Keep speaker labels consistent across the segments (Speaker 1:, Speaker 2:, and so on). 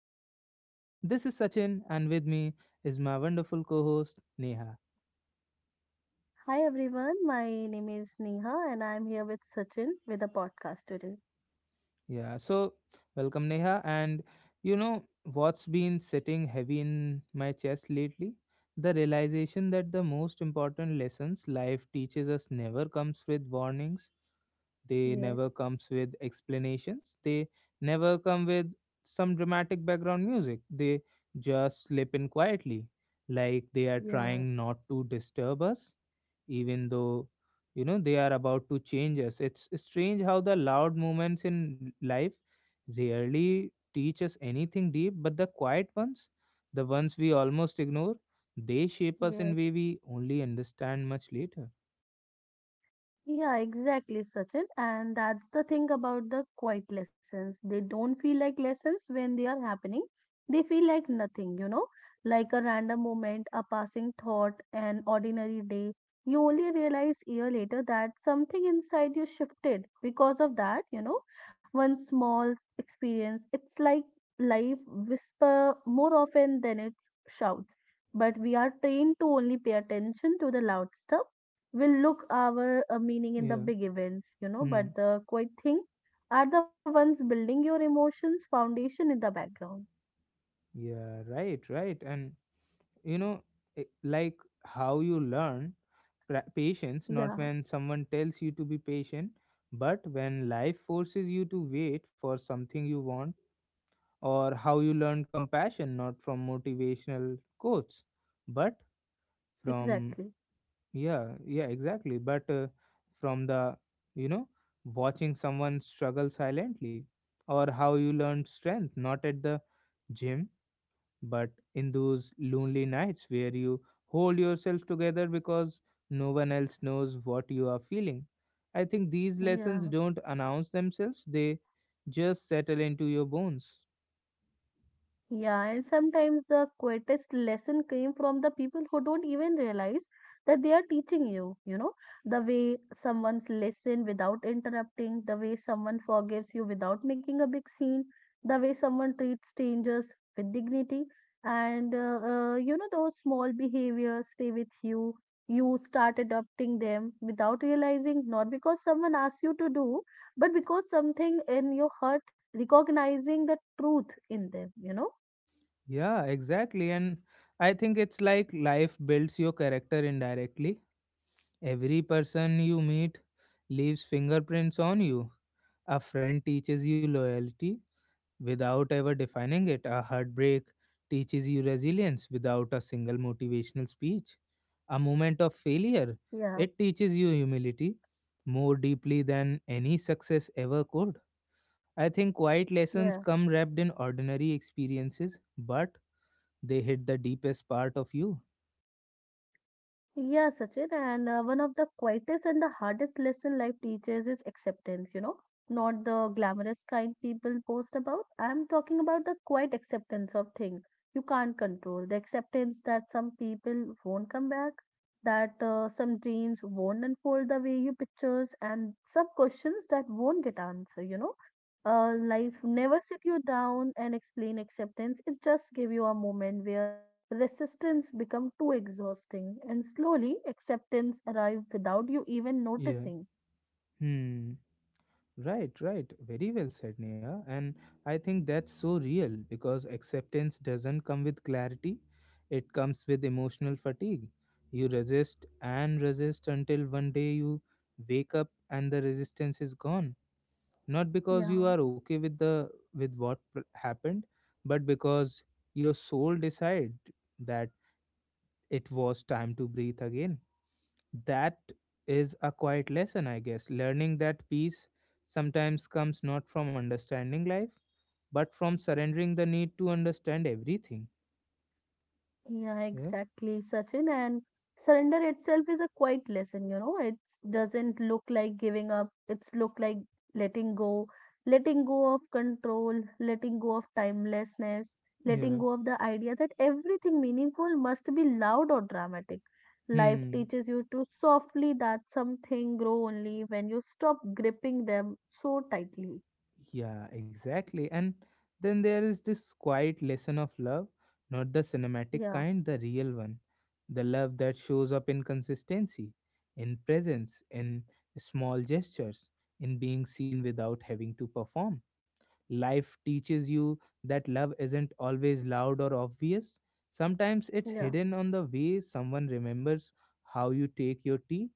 Speaker 1: series. This is Sachin, and with me is my wonderful co host, Neha.
Speaker 2: Hi everyone, my name is Neha and I'm here with Sachin with a podcast today.
Speaker 1: Yeah, so welcome, Neha. And you know what's been sitting heavy in my chest lately? The realization that the most important lessons life teaches us never comes with warnings. They
Speaker 2: Yes,
Speaker 1: never comes with explanations. They never come with some dramatic background music. They just slip in quietly, like they are
Speaker 2: yeah,
Speaker 1: trying not to disturb us, even though they are about to change us. It's strange how the loud moments in life rarely teach us anything deep, but the quiet ones, the ones we almost ignore, they shape us in
Speaker 2: yes.
Speaker 1: way we only understand much later.
Speaker 2: Yeah, exactly, Sachin. And that's the thing about the quiet lessons. They don't feel like lessons when they are happening. They feel like nothing, you know, like a random moment, a passing thought, an ordinary day. You only realize year later that something inside you shifted because of that, one small experience. It's like life whisper more often than it shouts. But we are trained to only pay attention to the loud stuff will look our meaning in the
Speaker 1: Yeah.
Speaker 2: big events, you know,
Speaker 1: Hmm.
Speaker 2: but the quiet thing are the ones building your emotions foundation in the background.
Speaker 1: Yeah, right, right. And you know like how you learn patience, not
Speaker 2: Yeah,
Speaker 1: when someone tells you to be patient, but when life forces you to wait for something you want. Or how you learn compassion, not from motivational quotes, but from,
Speaker 2: exactly.
Speaker 1: yeah, yeah, exactly, but from the, you know watching someone struggle silently. Or how you learn strength, not at the gym, but in those lonely nights where you hold yourself together because no one else knows what you are feeling. I think these lessons
Speaker 2: Yeah.
Speaker 1: don't announce themselves, they just settle into your bones.
Speaker 2: Yeah, and sometimes the quietest lesson came from the people who don't even realize that they are teaching you. You know, the way someone's listen without interrupting, the way someone forgives you without making a big scene, the way someone treats strangers with dignity, and you know, those small behaviors stay with you. You start adopting them without realizing, not because someone asks you to do, but because something in your heart recognizing the truth in them, you know.
Speaker 1: Yeah, exactly. And I think it's like life builds your character indirectly. Every person you meet leaves fingerprints on you. A friend teaches you loyalty, without ever defining it. A heartbreak teaches you resilience without a single motivational speech. A moment of failure,
Speaker 2: Yeah,
Speaker 1: it teaches you humility more deeply than any success ever could. I think quiet lessons
Speaker 2: yeah.
Speaker 1: come wrapped in ordinary experiences, but they hit the deepest part of you.
Speaker 2: Yeah, Sachin, and one of the quietest and the hardest lesson life teaches is acceptance, you know, not the glamorous kind people post about. I'm talking about the quiet acceptance of things you can't control, the acceptance that some people won't come back, that some dreams won't unfold the way you pictures, and some questions that won't get answered, you know. Life never sit you down and explain acceptance. It just give you a moment where resistance become too exhausting and slowly acceptance arrive without you even
Speaker 1: Yeah.
Speaker 2: noticing.
Speaker 1: Hmm. Right, right. Very well said, Neha. And I think that's so real because acceptance doesn't come with clarity, it comes with emotional fatigue. You resist and resist until one day you wake up and the resistance is gone. Not because you
Speaker 2: Yeah.
Speaker 1: are okay with the with what happened, but because your soul decide that it was time to breathe again. That is a quiet lesson, I guess. Learning that peace sometimes comes not from understanding life, but from surrendering the need to understand everything.
Speaker 2: Yeah,
Speaker 1: Yeah.
Speaker 2: exactly, Sachin. And surrender itself is a quiet lesson, you know. It doesn't look like giving up. It's look like letting go, letting go of control, letting go of timelessness, letting
Speaker 1: Yeah.
Speaker 2: go of the idea that everything meaningful must be loud or dramatic. Life
Speaker 1: Hmm.
Speaker 2: teaches you to softly that something grow only when you stop gripping them so tightly.
Speaker 1: Yeah, exactly. And then there is this quiet lesson of love, not the cinematic
Speaker 2: Yeah,
Speaker 1: kind, the real one. The love that shows up in consistency, in presence, in small gestures, in being seen without having to perform. Life teaches you that love isn't always loud or obvious. Sometimes it's
Speaker 2: yeah,
Speaker 1: hidden on the way someone remembers how you take your tea,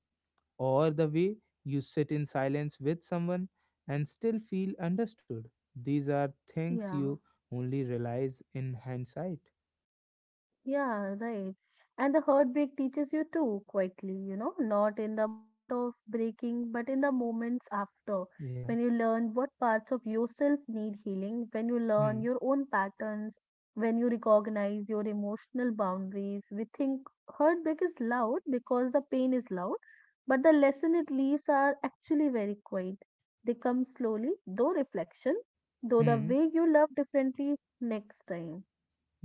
Speaker 1: or the way you sit in silence with someone and still feel understood. These are things you
Speaker 2: yeah.
Speaker 1: only realize in hindsight.
Speaker 2: Yeah, right. And the heartbreak teaches you too, quietly, you know, not in the moment of breaking, but in the moments after.
Speaker 1: Yeah.
Speaker 2: When you learn what parts of yourself need healing, when you
Speaker 1: Hmm.
Speaker 2: learn your own patterns, when you recognize your emotional boundaries, we think heartbreak is loud because the pain is loud, but the lesson it leaves are actually very quiet. They come slowly, though reflection, though the
Speaker 1: Hmm.
Speaker 2: way you love differently next time.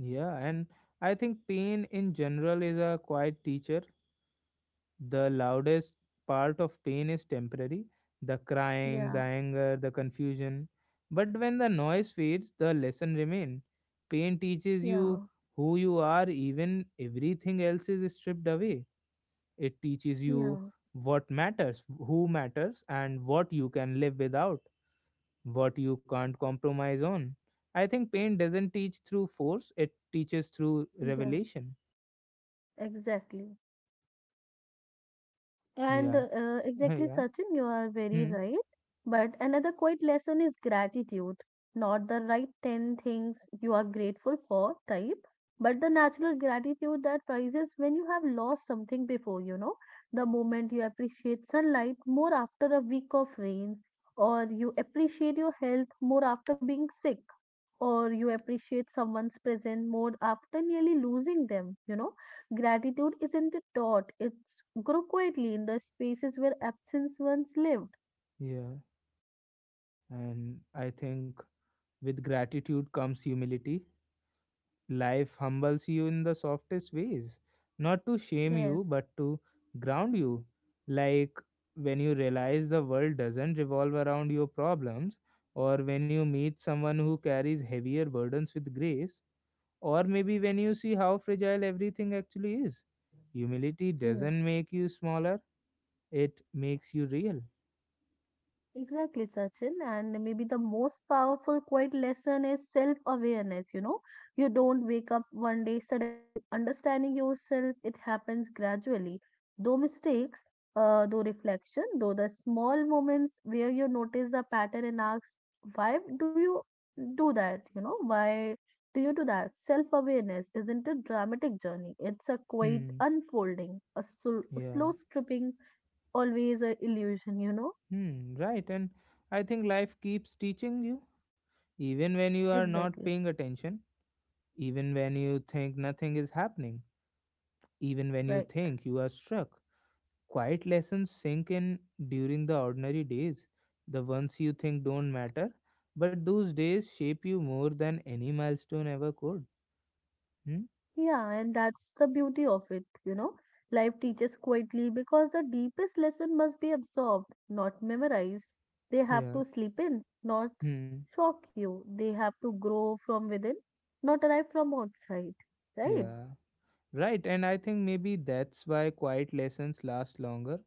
Speaker 1: Yeah. And I think pain in general is a quiet teacher. The loudest part of pain is temporary, the crying, the
Speaker 2: Yeah,
Speaker 1: anger, the confusion. But when the noise fades, the lesson remains. Pain teaches you
Speaker 2: yeah.
Speaker 1: who you are, even everything else is stripped away. It teaches you
Speaker 2: Yeah,
Speaker 1: what matters, who matters, and what you can live without, what you can't compromise on. I think pain doesn't teach through force, it teaches through
Speaker 2: yeah,
Speaker 1: revelation.
Speaker 2: exactly. And
Speaker 1: Yeah,
Speaker 2: exactly,
Speaker 1: yeah,
Speaker 2: Sachin, you are very
Speaker 1: hmm.
Speaker 2: right. But another quiet lesson is gratitude, not the right 10 things you are grateful for type, but the natural gratitude that rises when you have lost something before, you know, the moment you appreciate sunlight more after a week of rains, or you appreciate your health more after being sick or you appreciate someone's present more after nearly losing them, you know. Gratitude isn't taught, it's grow quietly in the spaces where absence once lived.
Speaker 1: Yeah. And I think with gratitude comes humility. Life humbles you in the softest ways, not to shame you,
Speaker 2: Yes.
Speaker 1: but to ground you. Like when you realize the world doesn't revolve around your problems, or when you meet someone who carries heavier burdens with grace, or maybe when you see how fragile everything actually is. Humility doesn't make you smaller, it makes you real.
Speaker 2: Exactly, Sachin. And maybe the most powerful quiet lesson is self awareness. You know, you don't wake up one day suddenly understanding yourself, it happens gradually. Though mistakes, though reflection, though the small moments where you notice the pattern and ask, why do you do that? You know, why do you do that? Self awareness isn't a dramatic journey, it's a quiet
Speaker 1: Hmm,
Speaker 2: unfolding, a
Speaker 1: yeah.
Speaker 2: slow stripping, always a illusion, you know.
Speaker 1: Hmm, right. And I think life keeps teaching you even when you are
Speaker 2: Exactly.
Speaker 1: not paying attention, even when you think nothing is happening, even when you
Speaker 2: Right.
Speaker 1: think you are struck, quiet lessons sink in during the ordinary days, the ones you think don't matter, but those days shape you more than any milestone ever could. Hmm?
Speaker 2: Yeah, and that's the beauty of it, you know. Life teaches quietly because the deepest lesson must be absorbed, not memorized. They have
Speaker 1: Yeah.
Speaker 2: to sleep in, not s-
Speaker 1: Hmm.
Speaker 2: shock you. They have to grow from within, not arrive from outside. Right?
Speaker 1: Yeah. Right, and I think maybe that's why quiet lessons last longer,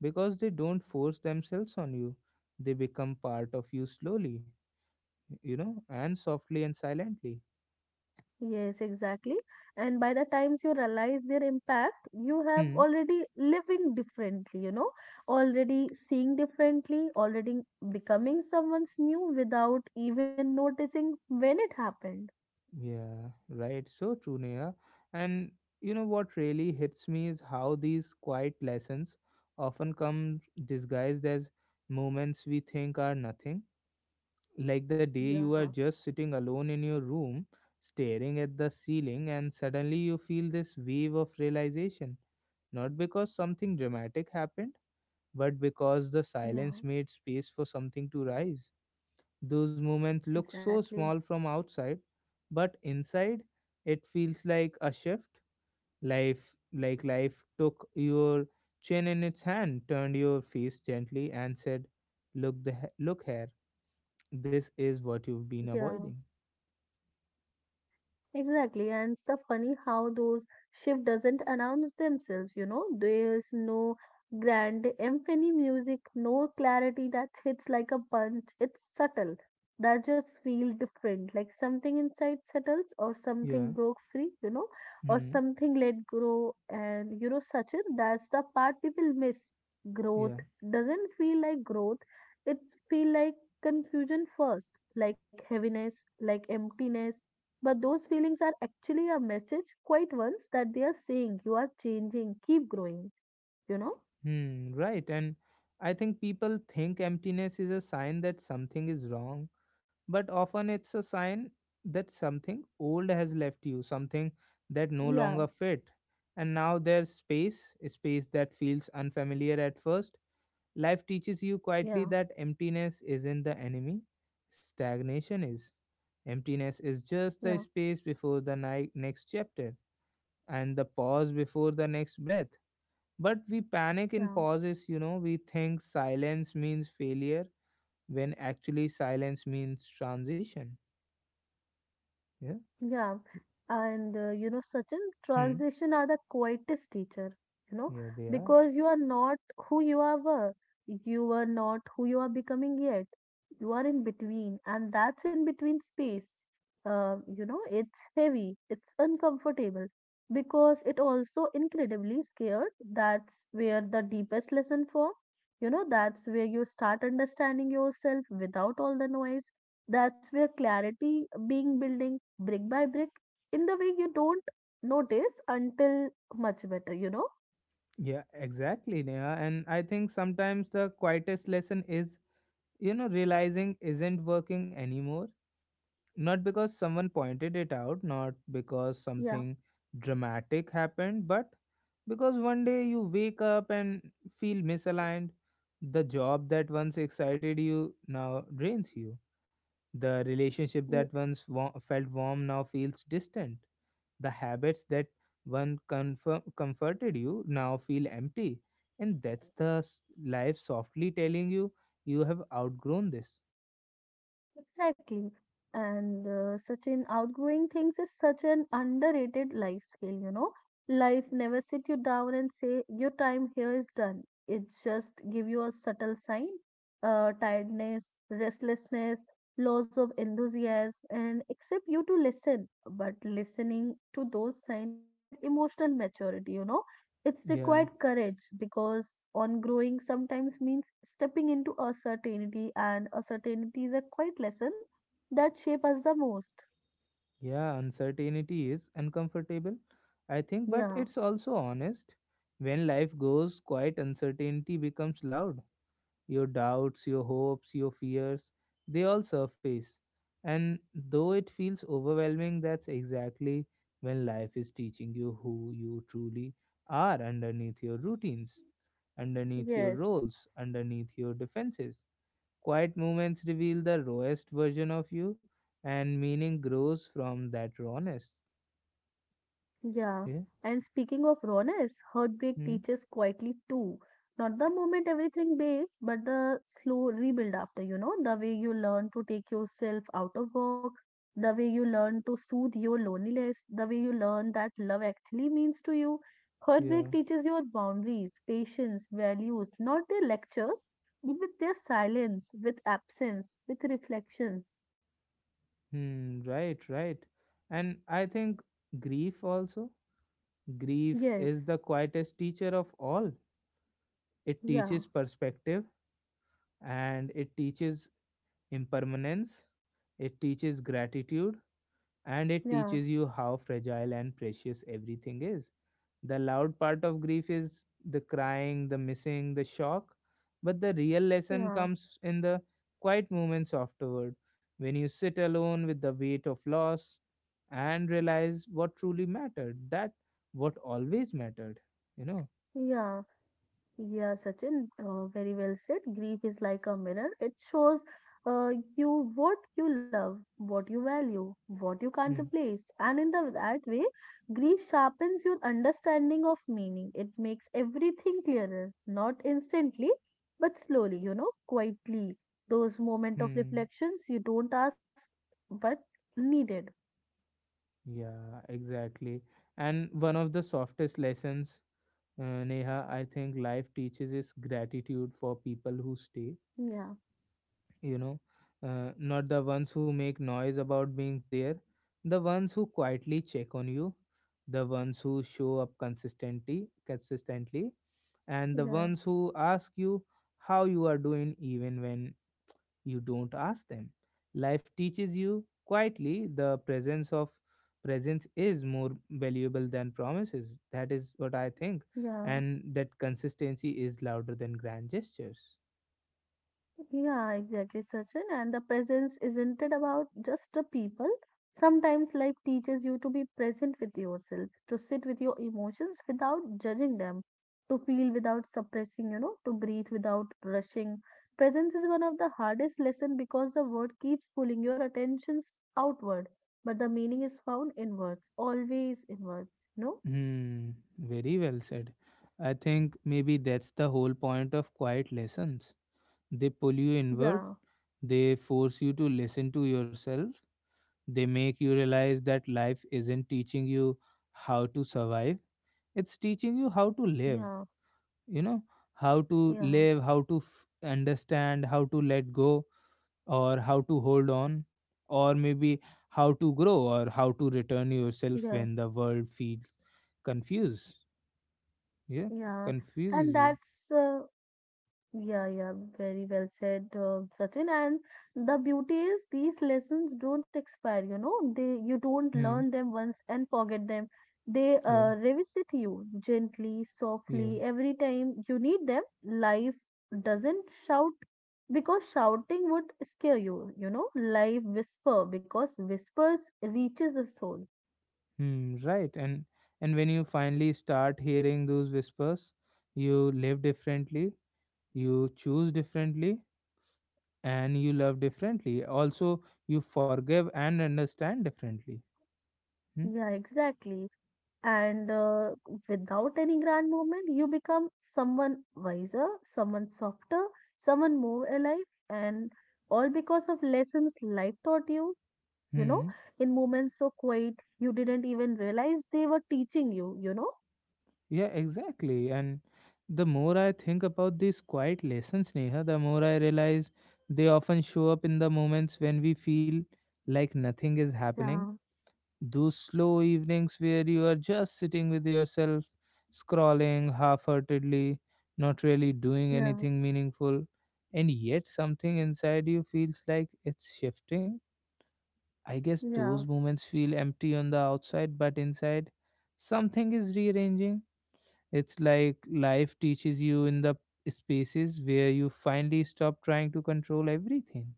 Speaker 1: because they don't force themselves on you. They become part of you slowly, you know, and softly and silently.
Speaker 2: Yes, exactly. And by the times you realize their impact, you have
Speaker 1: Hmm.
Speaker 2: already living differently, you know, already seeing differently, already becoming someone's new without even noticing when it happened.
Speaker 1: Yeah, right. So true, Neha. And you know what really hits me is how these quiet lessons often come disguised as moments we think are nothing. Like the day you
Speaker 2: Yeah,
Speaker 1: are just sitting alone in your room, staring at the ceiling, and suddenly you feel this wave of realization. Not because something dramatic happened, but because the silence
Speaker 2: yeah,
Speaker 1: made space for something to rise. Those moments look so
Speaker 2: exactly.
Speaker 1: small from outside, but inside it feels like a shift. Life, like life, took your chin in its hand, turned your face gently and said, look look here, this is what you've been
Speaker 2: Yeah.
Speaker 1: avoiding.
Speaker 2: Exactly, and it's so funny how those shift doesn't announce themselves, you know. There's no grand symphony music, no clarity that hits like a punch. It's subtle. That just feel different, like something inside settles or something
Speaker 1: Yeah.
Speaker 2: broke free, you know, or
Speaker 1: Hmm.
Speaker 2: something let grow. And you know, Sachin, that's the part people miss.
Speaker 1: Yeah.
Speaker 2: Growth doesn't feel like growth. It feel like confusion first, like heaviness, like emptiness but those feelings are actually a message, quite ones, that they are saying you are changing, keep growing, you know?
Speaker 1: Hmm, right. And I think people think emptiness is a sign that something is wrong, but often it's a sign that something old has left you, something that no longer
Speaker 2: Yeah,
Speaker 1: fit. And now there's space, a space that feels unfamiliar at first. Life teaches you quietly
Speaker 2: yeah,
Speaker 1: that emptiness isn't the enemy, stagnation is. Emptiness is just the
Speaker 2: yeah,
Speaker 1: space before the next chapter, and the pause before the next breath. But we panic in
Speaker 2: yeah.
Speaker 1: pauses, you know, we think silence means failure when actually silence means transition. Yeah.
Speaker 2: Yeah, and you know, Sachin,
Speaker 1: Hmm.
Speaker 2: transition are the quietest teacher, you know,
Speaker 1: Yeah, they are.
Speaker 2: because you are not who you are were. You are not who you are becoming yet. You are in between, and that's in between space. You know, it's heavy, it's uncomfortable because it also incredibly scared. That's where the deepest lesson for, you know, that's where you start understanding yourself without all the noise. That's where clarity being building brick by brick in the way you don't notice until much better, you know?
Speaker 1: Yeah, exactly, Neha. And I think sometimes the quietest lesson is, you know, realizing isn't working anymore. Not because someone pointed it out, not because
Speaker 2: Yeah,
Speaker 1: something dramatic happened, but because one day you wake up and feel misaligned. The job that once excited you now drains you. The relationship
Speaker 2: yeah,
Speaker 1: that once felt warm now feels distant. The habits that comforted you now feel empty. And that's life softly telling you, you have outgrown this.
Speaker 2: exactly. And such an outgrowing things is such an underrated life skill, you know? Life never sit you down and say, your time here is done. It just give you a subtle sign, tiredness, restlessness, loss of enthusiasm, and accept you to listen. But listening to those signs required emotional maturity, you know? It's
Speaker 1: Yeah,
Speaker 2: required courage because on growing sometimes means stepping into a certainty, and a certainty is a quiet lesson that shape us the most.
Speaker 1: yeah, uncertainty is uncomfortable, I think, but
Speaker 2: Yeah.
Speaker 1: it's also honest. When life goes quiet, uncertainty becomes loud. Your doubts, your hopes, your fears, they all surface. And though it feels overwhelming, that's exactly when life is teaching you who you truly are underneath your routines, underneath your
Speaker 2: Yes.
Speaker 1: roles, underneath your defenses. Quiet moments reveal the rawest version of you, and meaning grows from that rawness.
Speaker 2: Yeah,
Speaker 1: Yeah.
Speaker 2: and speaking of rawness, heartbreak
Speaker 1: Hmm.
Speaker 2: teaches quietly too. Not the moment everything bails, but the slow rebuild after, you know, the way you learn to take yourself out of work, the way you learn to soothe your loneliness, the way you learn that love actually means to you. Heartbreak
Speaker 1: Yeah.
Speaker 2: teaches your boundaries, patience, values, not their lectures, but with their silence, with absence, with reflections.
Speaker 1: Hmm. Right. Right. And I think grief also. Grief
Speaker 2: Yes,
Speaker 1: is the quietest teacher of all. It
Speaker 2: yeah,
Speaker 1: teaches perspective, and it teaches impermanence, it teaches gratitude, and it
Speaker 2: yeah,
Speaker 1: teaches you how fragile and precious everything is. The loud part of grief is the crying, the missing, the shock, but the real lesson
Speaker 2: yeah,
Speaker 1: comes in the quiet moments afterward, when you sit alone with the weight of loss and realize what truly mattered, that what always mattered, you know.
Speaker 2: yeah. Yeah, Sachin, very well said. Grief is like a mirror. It shows uh, you what you love, what you value, what you can't
Speaker 1: Hmm.
Speaker 2: replace. And in that way, grief sharpens your understanding of meaning. It makes everything clearer, not instantly, but slowly, you know, quietly. Those moment of
Speaker 1: Hmm.
Speaker 2: reflections you don't ask, but needed.
Speaker 1: Yeah, exactly. And one of the softest lessons, Neha, I think life teaches is gratitude for people who stay,
Speaker 2: Yeah,
Speaker 1: you know, not the ones who make noise about being there, the ones who quietly check on you, the ones who show up consistently,
Speaker 2: yeah,
Speaker 1: and the ones who ask you how you are doing even when you don't ask them. Life teaches you quietly the presence of presence is more valuable than promises. That is what I think.
Speaker 2: yeah.
Speaker 1: And that consistency is louder than grand gestures.
Speaker 2: Yeah, exactly, Sachin. And the presence isn't it about just the people? Sometimes life teaches you to be present with yourself, to sit with your emotions without judging them, to feel without suppressing, you know, to breathe without rushing. Presence is one of the hardest lessons because the word keeps pulling your attentions outward, but the meaning is found inwards, always inwards, you know?
Speaker 1: Hmm, very well said. I think maybe that's the whole point of quiet lessons. They pull you inward,
Speaker 2: Yeah,
Speaker 1: they force you to listen to yourself, they make you realize that life isn't teaching you how to survive, it's teaching you how to
Speaker 2: yeah,
Speaker 1: live. You know, how to
Speaker 2: yeah,
Speaker 1: live, understand, how to let go, or how to hold on, or maybe how to grow, or how to return yourself
Speaker 2: yeah,
Speaker 1: when the world feels confused, yeah,
Speaker 2: yeah.
Speaker 1: confuses
Speaker 2: And
Speaker 1: you.
Speaker 2: that's yeah, yeah, very well said, Sachin. And the beauty is these lessons don't expire, you know, they you don't
Speaker 1: Hmm.
Speaker 2: learn them once and forget them. They
Speaker 1: Yeah.
Speaker 2: revisit you gently,
Speaker 1: Yeah.
Speaker 2: softly, every time you need them. Life doesn't shout because shouting would scare you, you know, life whisper because whispers reaches the soul.
Speaker 1: Hmm, right. And when you finally start hearing those whispers, you live differently, you choose differently, and you love differently also, you forgive and understand differently. Hmm?
Speaker 2: Yeah, exactly. And without any grand movement, you become someone wiser, someone softer, someone more alive, and all because of lessons life taught you. You know,
Speaker 1: Hmm.
Speaker 2: in moments so quiet, you didn't even realize they were teaching you, you know?
Speaker 1: Yeah, exactly. And the more I think about these quiet lessons, Neha, the more I realize they often show up in the moments when we feel like nothing is happening.
Speaker 2: Yeah,
Speaker 1: Those slow evenings where you are just sitting with yourself, scrolling half heartedly, not really doing
Speaker 2: yeah,
Speaker 1: anything meaningful, and yet something inside you feels like it's shifting. I guess
Speaker 2: yeah.
Speaker 1: those moments feel empty on the outside, but inside, something is rearranging. It's like life teaches you in the spaces where you finally stop trying to control everything.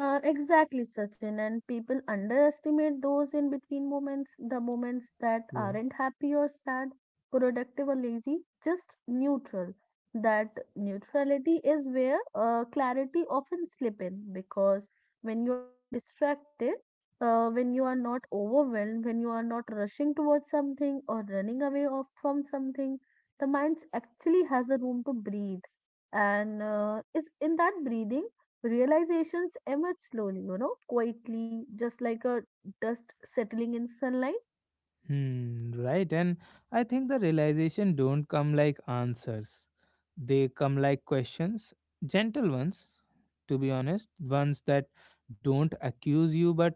Speaker 2: Exactly, Sachin. And people underestimate those in between moments, the moments that
Speaker 1: Yeah.
Speaker 2: aren't happy or sad, productive or lazy, just neutral. That neutrality is where clarity often slip in because when you are not distracted, when you are not overwhelmed, when you are not rushing towards something or running away of, from something, the mind actually has a room to breathe. And it's in that breathing realizations emerge slowly, you know, quietly, just like a dust settling in sunlight.
Speaker 1: Hmm, right. And I think the realization don't come like answers. They come like questions, gentle ones, to be honest, ones that don't accuse you but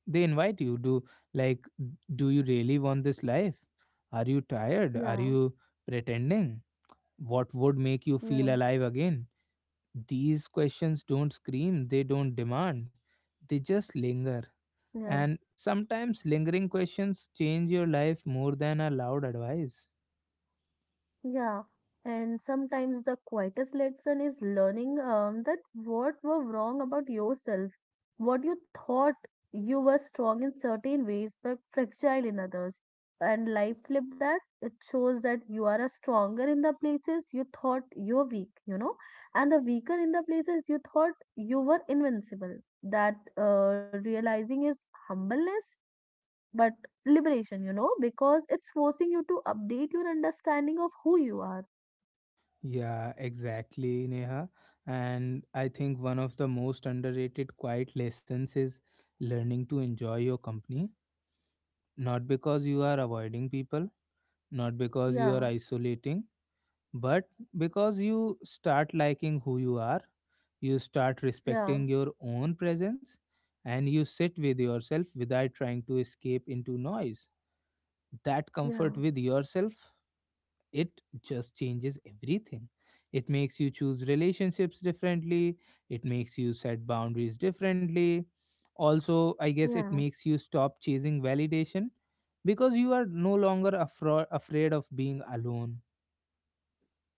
Speaker 1: they invite you do, like, do you really want this life, are you tired, are
Speaker 2: Yeah,
Speaker 1: you pretending, what would make you feel
Speaker 2: yeah,
Speaker 1: alive again? These questions don't scream, they don't demand, they just linger.
Speaker 2: yeah.
Speaker 1: And sometimes lingering questions change your life more than a loud advice.
Speaker 2: Yeah, and sometimes the quietest lesson is learning that what were wrong about yourself, what you thought you were strong in certain ways but fragile in others. And life flip that it shows that you are a stronger in the places you thought you're weak, you know, and the weaker in the places you thought you were invincible. That realizing is humbleness, but liberation, you know, because it's forcing you to update your understanding of who you are.
Speaker 1: Yeah, exactly, Neha. And I think one of the most underrated quiet lessons is learning to enjoy your company. Not because you are avoiding people, not because you are
Speaker 2: Yeah,
Speaker 1: isolating, but because you start liking who you are. You start
Speaker 2: yeah,
Speaker 1: respecting your own presence, and you sit with yourself without trying to escape into noise. That
Speaker 2: yeah,
Speaker 1: comfort with yourself, it just changes everything. It makes you choose relationships differently, it makes you set boundaries differently. Also, I guess it
Speaker 2: yeah,
Speaker 1: makes you stop chasing validation because you are no longer afraid of being alone.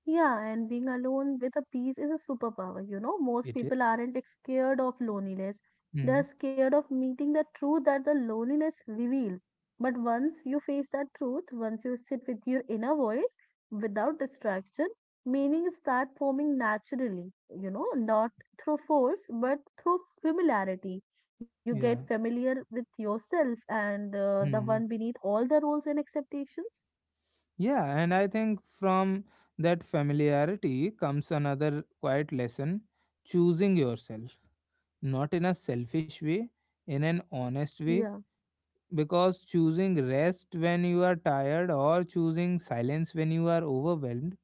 Speaker 2: yeah. And being alone with a peace is a superpower. You know, most
Speaker 1: It is.
Speaker 2: people aren't scared of loneliness. They're
Speaker 1: Mhm.
Speaker 2: scared of meeting the truth that the loneliness reveals. But once you face that truth, once you sit with your inner voice without distraction, meaning start forming naturally. You know, not through force, but through familiarity. You get
Speaker 1: Yeah.
Speaker 2: familiar with yourself and the one
Speaker 1: Hmm.
Speaker 2: beneath all the rules and expectations.
Speaker 1: Yeah, and I think from that familiarity comes another quiet lesson, choosing yourself, not in a selfish way, in an honest way.
Speaker 2: Yeah,
Speaker 1: Because choosing rest when you are tired, or choosing silence when you are overwhelmed,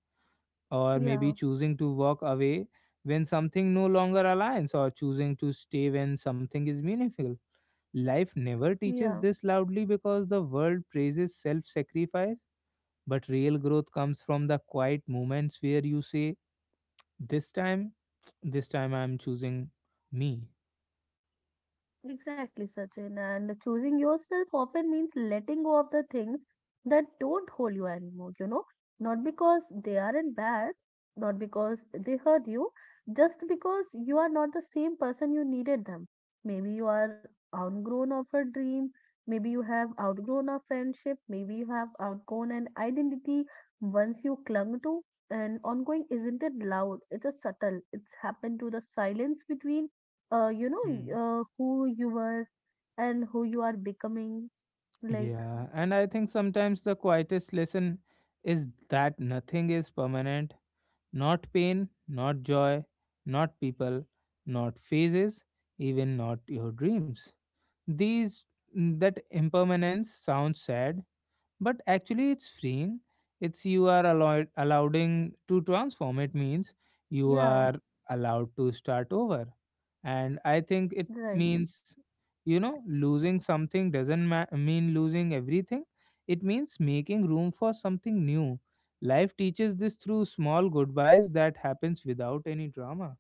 Speaker 1: or maybe
Speaker 2: yeah,
Speaker 1: choosing to walk away when something no longer aligns, or choosing to stay when something is meaningful. Life never teaches
Speaker 2: yeah,
Speaker 1: this loudly because the world praises self sacrifice, but real growth comes from the quiet moments where you say, this time, this time I'm choosing me.
Speaker 2: exactly, Sachin. And choosing yourself often means letting go of the things that don't hold you anymore, not because they aren't bad, not because they hurt you, just because you are not the same person you needed them. Maybe you are outgrown of a dream, maybe you have outgrown a friendship, maybe you have outgrown an identity once you clung to. And ongoing isn't it loud? It's a subtle. It's happened to the silence between uh, you know
Speaker 1: Hmm.
Speaker 2: who you were and who you are becoming like.
Speaker 1: Yeah, and I think sometimes the quietest lesson is that nothing is permanent, not pain, not joy, not people, not phases, even not your dreams. These, that impermanence sounds sad, but actually it's freeing. It's you are allowed allowing to transform. It means you
Speaker 2: Yeah,
Speaker 1: are allowed to start over, and I think it
Speaker 2: right.
Speaker 1: means, you know, losing something doesn't mean losing everything, it means making room for something new. Life teaches this through small goodbyes that happens without any drama.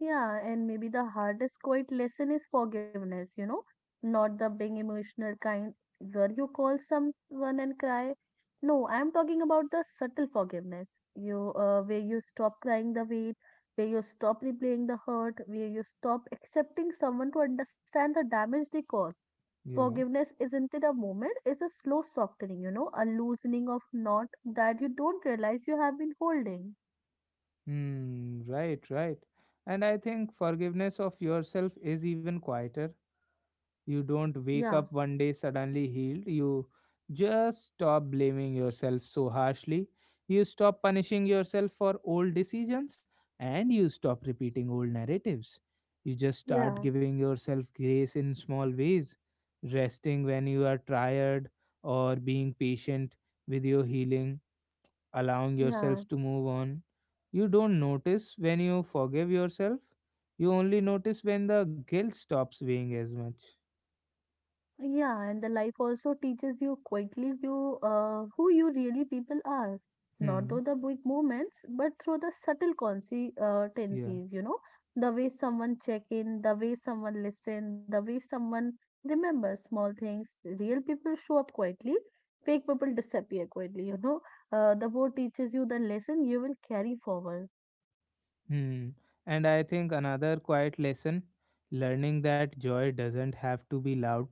Speaker 2: Yeah, and maybe the hardest quiet lesson is forgiveness, not the big emotional kind where you call someone and cry. No, I'm talking about the subtle forgiveness. You, where you stop crying the weight, where you stop replaying the hurt, where you stop accepting someone to understand the damage they caused.
Speaker 1: Yeah.
Speaker 2: Forgiveness isn't it a moment, it's a slow softening, a loosening of knot that you don't realize you have been holding.
Speaker 1: Hmm. Right, right. And I think forgiveness of yourself is even quieter. You don't wake
Speaker 2: Yeah,
Speaker 1: up one day suddenly healed. You just stop blaming yourself so harshly. You stop punishing yourself for old decisions, and you stop repeating old narratives. You just start
Speaker 2: yeah,
Speaker 1: giving yourself grace in small ways, resting when you are tired, or being patient with your healing, allowing
Speaker 2: yeah.
Speaker 1: yourself to move on. You don't notice when you forgive yourself. You only notice when the guilt stops weighing as much.
Speaker 2: Yeah, and the life also teaches you quietly you who you really people are, not
Speaker 1: Hmm.
Speaker 2: through the big moments, but through the subtle consequences.
Speaker 1: Yeah.
Speaker 2: You know, the way someone check in, the way someone listen, the way someone remember small things. Real people show up quietly, fake people disappear quietly. The board teaches you the lesson you will carry forward.
Speaker 1: Hmm. And I think another quiet lesson, learning that joy doesn't have to be loud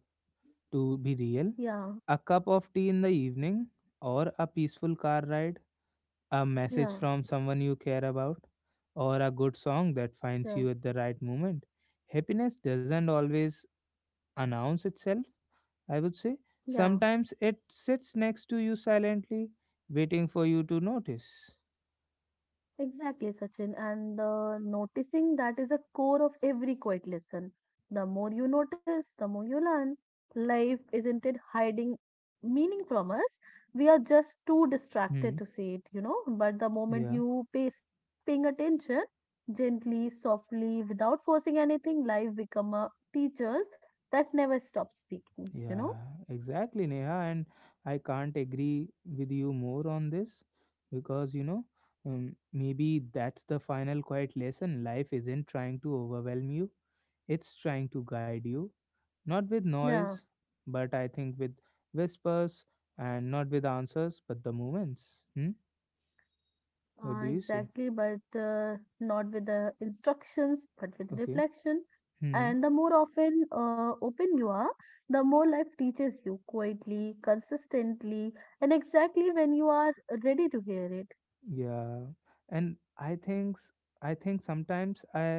Speaker 1: to be real.
Speaker 2: Yeah,
Speaker 1: A cup of tea in the evening, or a peaceful car ride, a message
Speaker 2: yeah,
Speaker 1: from someone you care about, or a good song that finds
Speaker 2: yeah,
Speaker 1: you at the right moment. Happiness doesn't always announce itself, I would say.
Speaker 2: yeah.
Speaker 1: Sometimes it sits next to you silently, waiting for you to notice.
Speaker 2: Exactly, Sachin. And the noticing that is a core of every quiet lesson. The more you notice, the more you learn. Life isn't it hiding meaning from us. We are just too
Speaker 1: Hmm.
Speaker 2: distracted to see it, But the moment
Speaker 1: Yeah.
Speaker 2: you pay, start paying attention gently, softly, without forcing anything, life become a teacher that never stop speaking,
Speaker 1: Yeah, exactly, Neha. And I can't agree with you more on this because, you know, maybe that's the final quiet lesson. Life isn't trying to overwhelm you, it's trying to guide you, not with
Speaker 2: Yeah.
Speaker 1: noise, but I think with whispers, and not with answers, but the moments. Hmm? What do you say?
Speaker 2: Exactly, but not with the instructions, but with
Speaker 1: Okay.
Speaker 2: reflection.
Speaker 1: Hmm.
Speaker 2: And the more often open you are, the more life teaches you quietly, consistently, and exactly when you are ready to hear it.
Speaker 1: Yeah, and I think I think sometimes I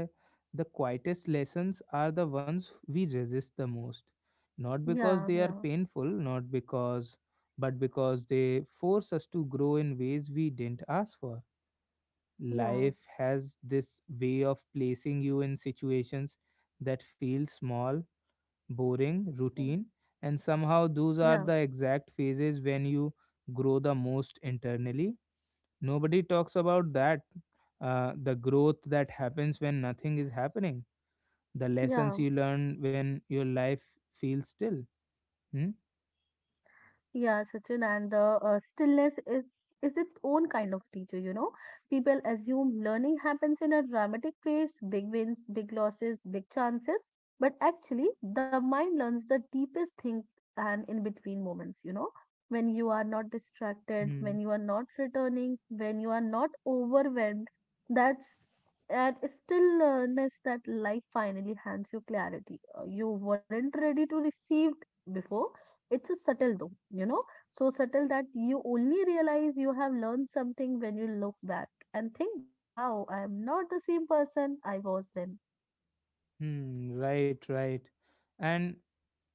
Speaker 1: the quietest lessons are the ones we resist the most, not
Speaker 2: Yeah,
Speaker 1: because they are
Speaker 2: yeah,
Speaker 1: painful, not because but because they force us to grow in ways we didn't ask for.
Speaker 2: yeah,
Speaker 1: Life has this way of placing you in situations that feel small, boring, routine, and somehow those are
Speaker 2: yeah,
Speaker 1: the exact phases when you grow the most internally. Nobody talks about that. The growth that happens when nothing is happening, the lessons
Speaker 2: yeah.
Speaker 1: you learn when your life feels still. Hmm?
Speaker 2: Yeah, Sachin, and the stillness is its own kind of teacher, People assume learning happens in a dramatic pace, big wins, big losses, big chances, but actually the mind learns the deepest thing and in between moments, when you are not distracted, when
Speaker 1: Hmm.
Speaker 2: you are not returning, when you are not overwhelmed. That's that stillness that life finally hands you clarity. You weren't ready to receive before. It's a subtle though, so subtle that you only realize you have learned something when you look back and think, wow, I am not the same person I was then.
Speaker 1: Hmm. Right, right. And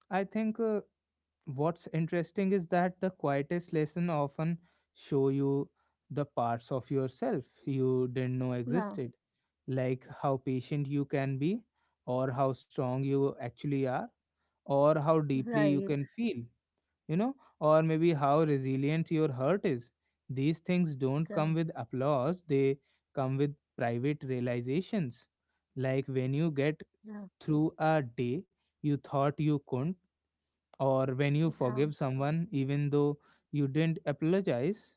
Speaker 1: I think what's interesting is that the quietest lesson often show you the parts of yourself you didn't know
Speaker 2: Yeah,
Speaker 1: existed, like how patient you can be, or how strong you actually are, or how deeply you
Speaker 2: right.
Speaker 1: can feel. You know, or maybe how resilient your hurt is. These things don't come
Speaker 2: Yeah,
Speaker 1: with applause, they come with private realizations. Like when you get
Speaker 2: yeah,
Speaker 1: through a day you thought you couldn't, or when you
Speaker 2: yeah,
Speaker 1: forgive someone even though you didn't apologize,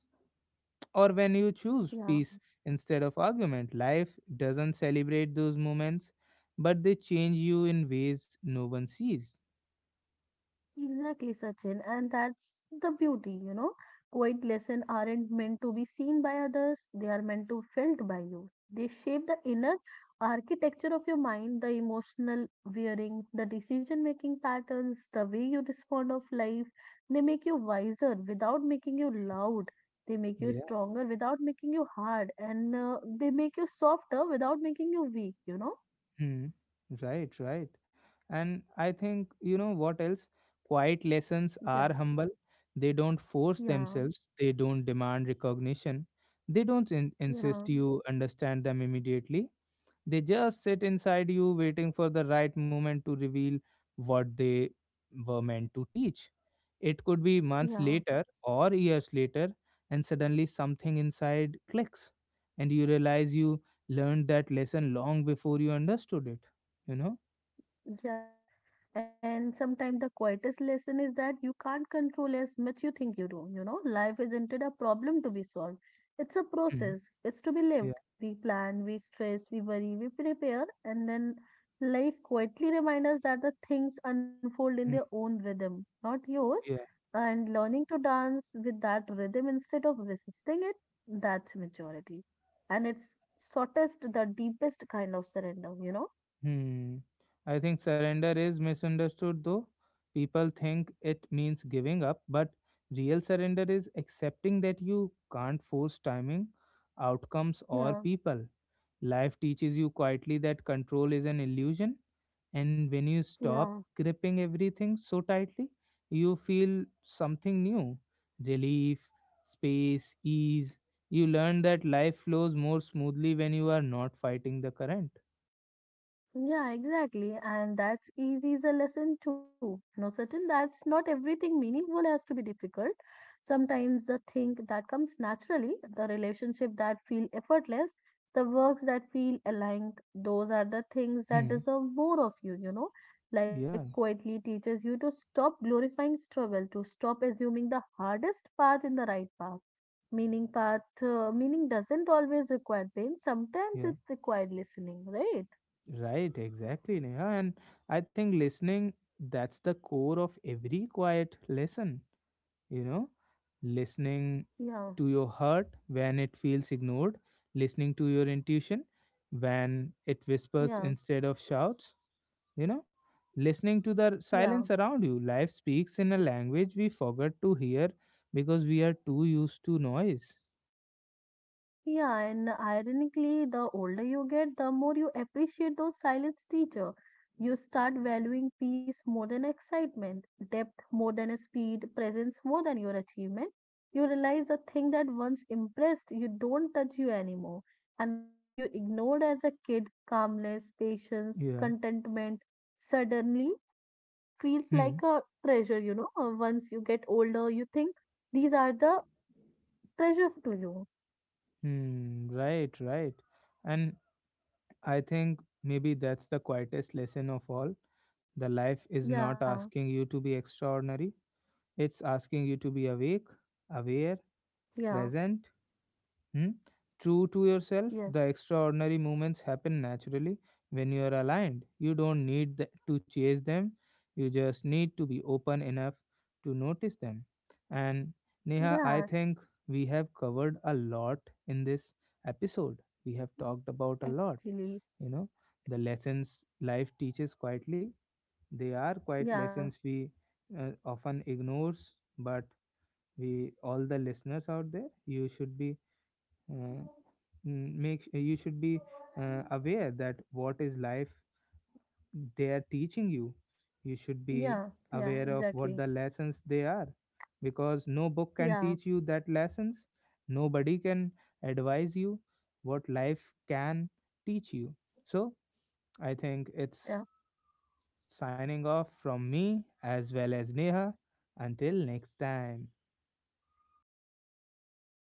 Speaker 1: or when you choose
Speaker 2: yeah.
Speaker 1: peace instead of argument. Life doesn't celebrate those moments, but they change you in ways no one sees.
Speaker 2: Exactly, Sachin. And that's the beauty, Quiet lessons aren't meant to be seen by others, they are meant to felt by you. They shape the inner architecture of your mind, the emotional wearing, the decision making patterns, the way you respond of life. They make you wiser without making you loud. They make you
Speaker 1: Yeah.
Speaker 2: stronger without making you hard. And they make you softer without making you weak, you know?
Speaker 1: Hmm. Right, right. And I think, you know what else? Quiet lessons
Speaker 2: Yeah,
Speaker 1: are humble. They don't force
Speaker 2: yeah,
Speaker 1: themselves, they don't demand recognition, they don't insist
Speaker 2: yeah,
Speaker 1: you understand them immediately. They just sit inside you, waiting for the right moment to reveal what they were meant to teach. It could be months
Speaker 2: yeah,
Speaker 1: later or years later, and suddenly something inside clicks, and you realize you learned that lesson long before you understood it, you know.
Speaker 2: yeah. And sometimes the quietest lesson is that you can't control as much you think you do. You know, life isn't it a problem to be solved. It's a
Speaker 1: Mm.
Speaker 2: process. It's to be
Speaker 1: Yeah.
Speaker 2: lived. We plan, we stress, we worry, we prepare, and then life quietly reminds us that the things unfold in their
Speaker 1: Mm,
Speaker 2: own rhythm, not yours.
Speaker 1: yeah.
Speaker 2: And learning to dance with that rhythm instead of resisting it, that's maturity. And it's shortest, the deepest kind of surrender, you know?
Speaker 1: Hmm. I think surrender is misunderstood though. People think it means giving up, but real surrender is accepting that you can't force timing, outcomes or
Speaker 2: Yeah,
Speaker 1: people. Life teaches you quietly that control is an illusion. And when you stop
Speaker 2: yeah.
Speaker 1: gripping everything so tightly, you feel something new, relief, space, ease. You learn that life flows more smoothly when you are not fighting the current.
Speaker 2: Yeah, exactly. And that's easy is a lesson too. No, certain that's not everything meaningful has to be difficult. Sometimes the thing that comes naturally, the relationship that feel effortless, the works that feel aligned, those are the things that
Speaker 1: Hmm.
Speaker 2: deserve more of you, you know. Life
Speaker 1: Yeah,
Speaker 2: quietly teaches you to stop glorifying struggle, to stop assuming the hardest path in the right path. Meaning path, meaning doesn't always require pain. Sometimes
Speaker 1: yeah.
Speaker 2: it required listening, right?
Speaker 1: Right, exactly, Neha. And I think listening, that's the core of every quiet lesson. You know, listening
Speaker 2: Yeah.
Speaker 1: to your heart when it feels ignored, listening to your intuition when it whispers
Speaker 2: Yeah,
Speaker 1: instead of shouts, you know, listening to the
Speaker 2: yeah,
Speaker 1: silence around you. Life speaks in a language we forgot to hear because we are too used to noise.
Speaker 2: yeah. And ironically, the older you get, the more you appreciate those silence teacher. You start valuing peace more than excitement, depth more than speed, presence more than your achievement. You realize the thing that once impressed you don't touch you anymore, and the thing you ignored as a kid, calmness, patience,
Speaker 1: Yeah.
Speaker 2: contentment, suddenly feels
Speaker 1: Hmm.
Speaker 2: like a treasure. Once you get older, you think these are the treasure to you.
Speaker 1: Hmm. Right, right. And I think maybe that's the quietest lesson of all, the life is not asking you
Speaker 2: Yeah,
Speaker 1: to be extraordinary. It's asking you to be awake, aware, present,
Speaker 2: yeah,
Speaker 1: hmm, true to yourself. The
Speaker 2: yes.
Speaker 1: extraordinary moments happen naturally when you are aligned. You don't need to chase them, you just need to be open enough to notice them. And Neha, I think
Speaker 2: Yeah,
Speaker 1: we have covered a lot in this episode. We have talked about a lot, you know,
Speaker 2: actually.
Speaker 1: the lessons life teaches quietly. They are quite lessons we
Speaker 2: Yeah,
Speaker 1: often ignores, but we, all the listeners out there, you should be uh, make you should be aware that what is life they are teaching you, you should be
Speaker 2: yeah,
Speaker 1: aware of
Speaker 2: yeah,
Speaker 1: what the
Speaker 2: exactly.
Speaker 1: lessons they are, because no book can teach you
Speaker 2: Yeah,
Speaker 1: that lessons, nobody can advise you what life can teach you. So I think it's
Speaker 2: yeah.
Speaker 1: signing off from me as well as Neha, until next time.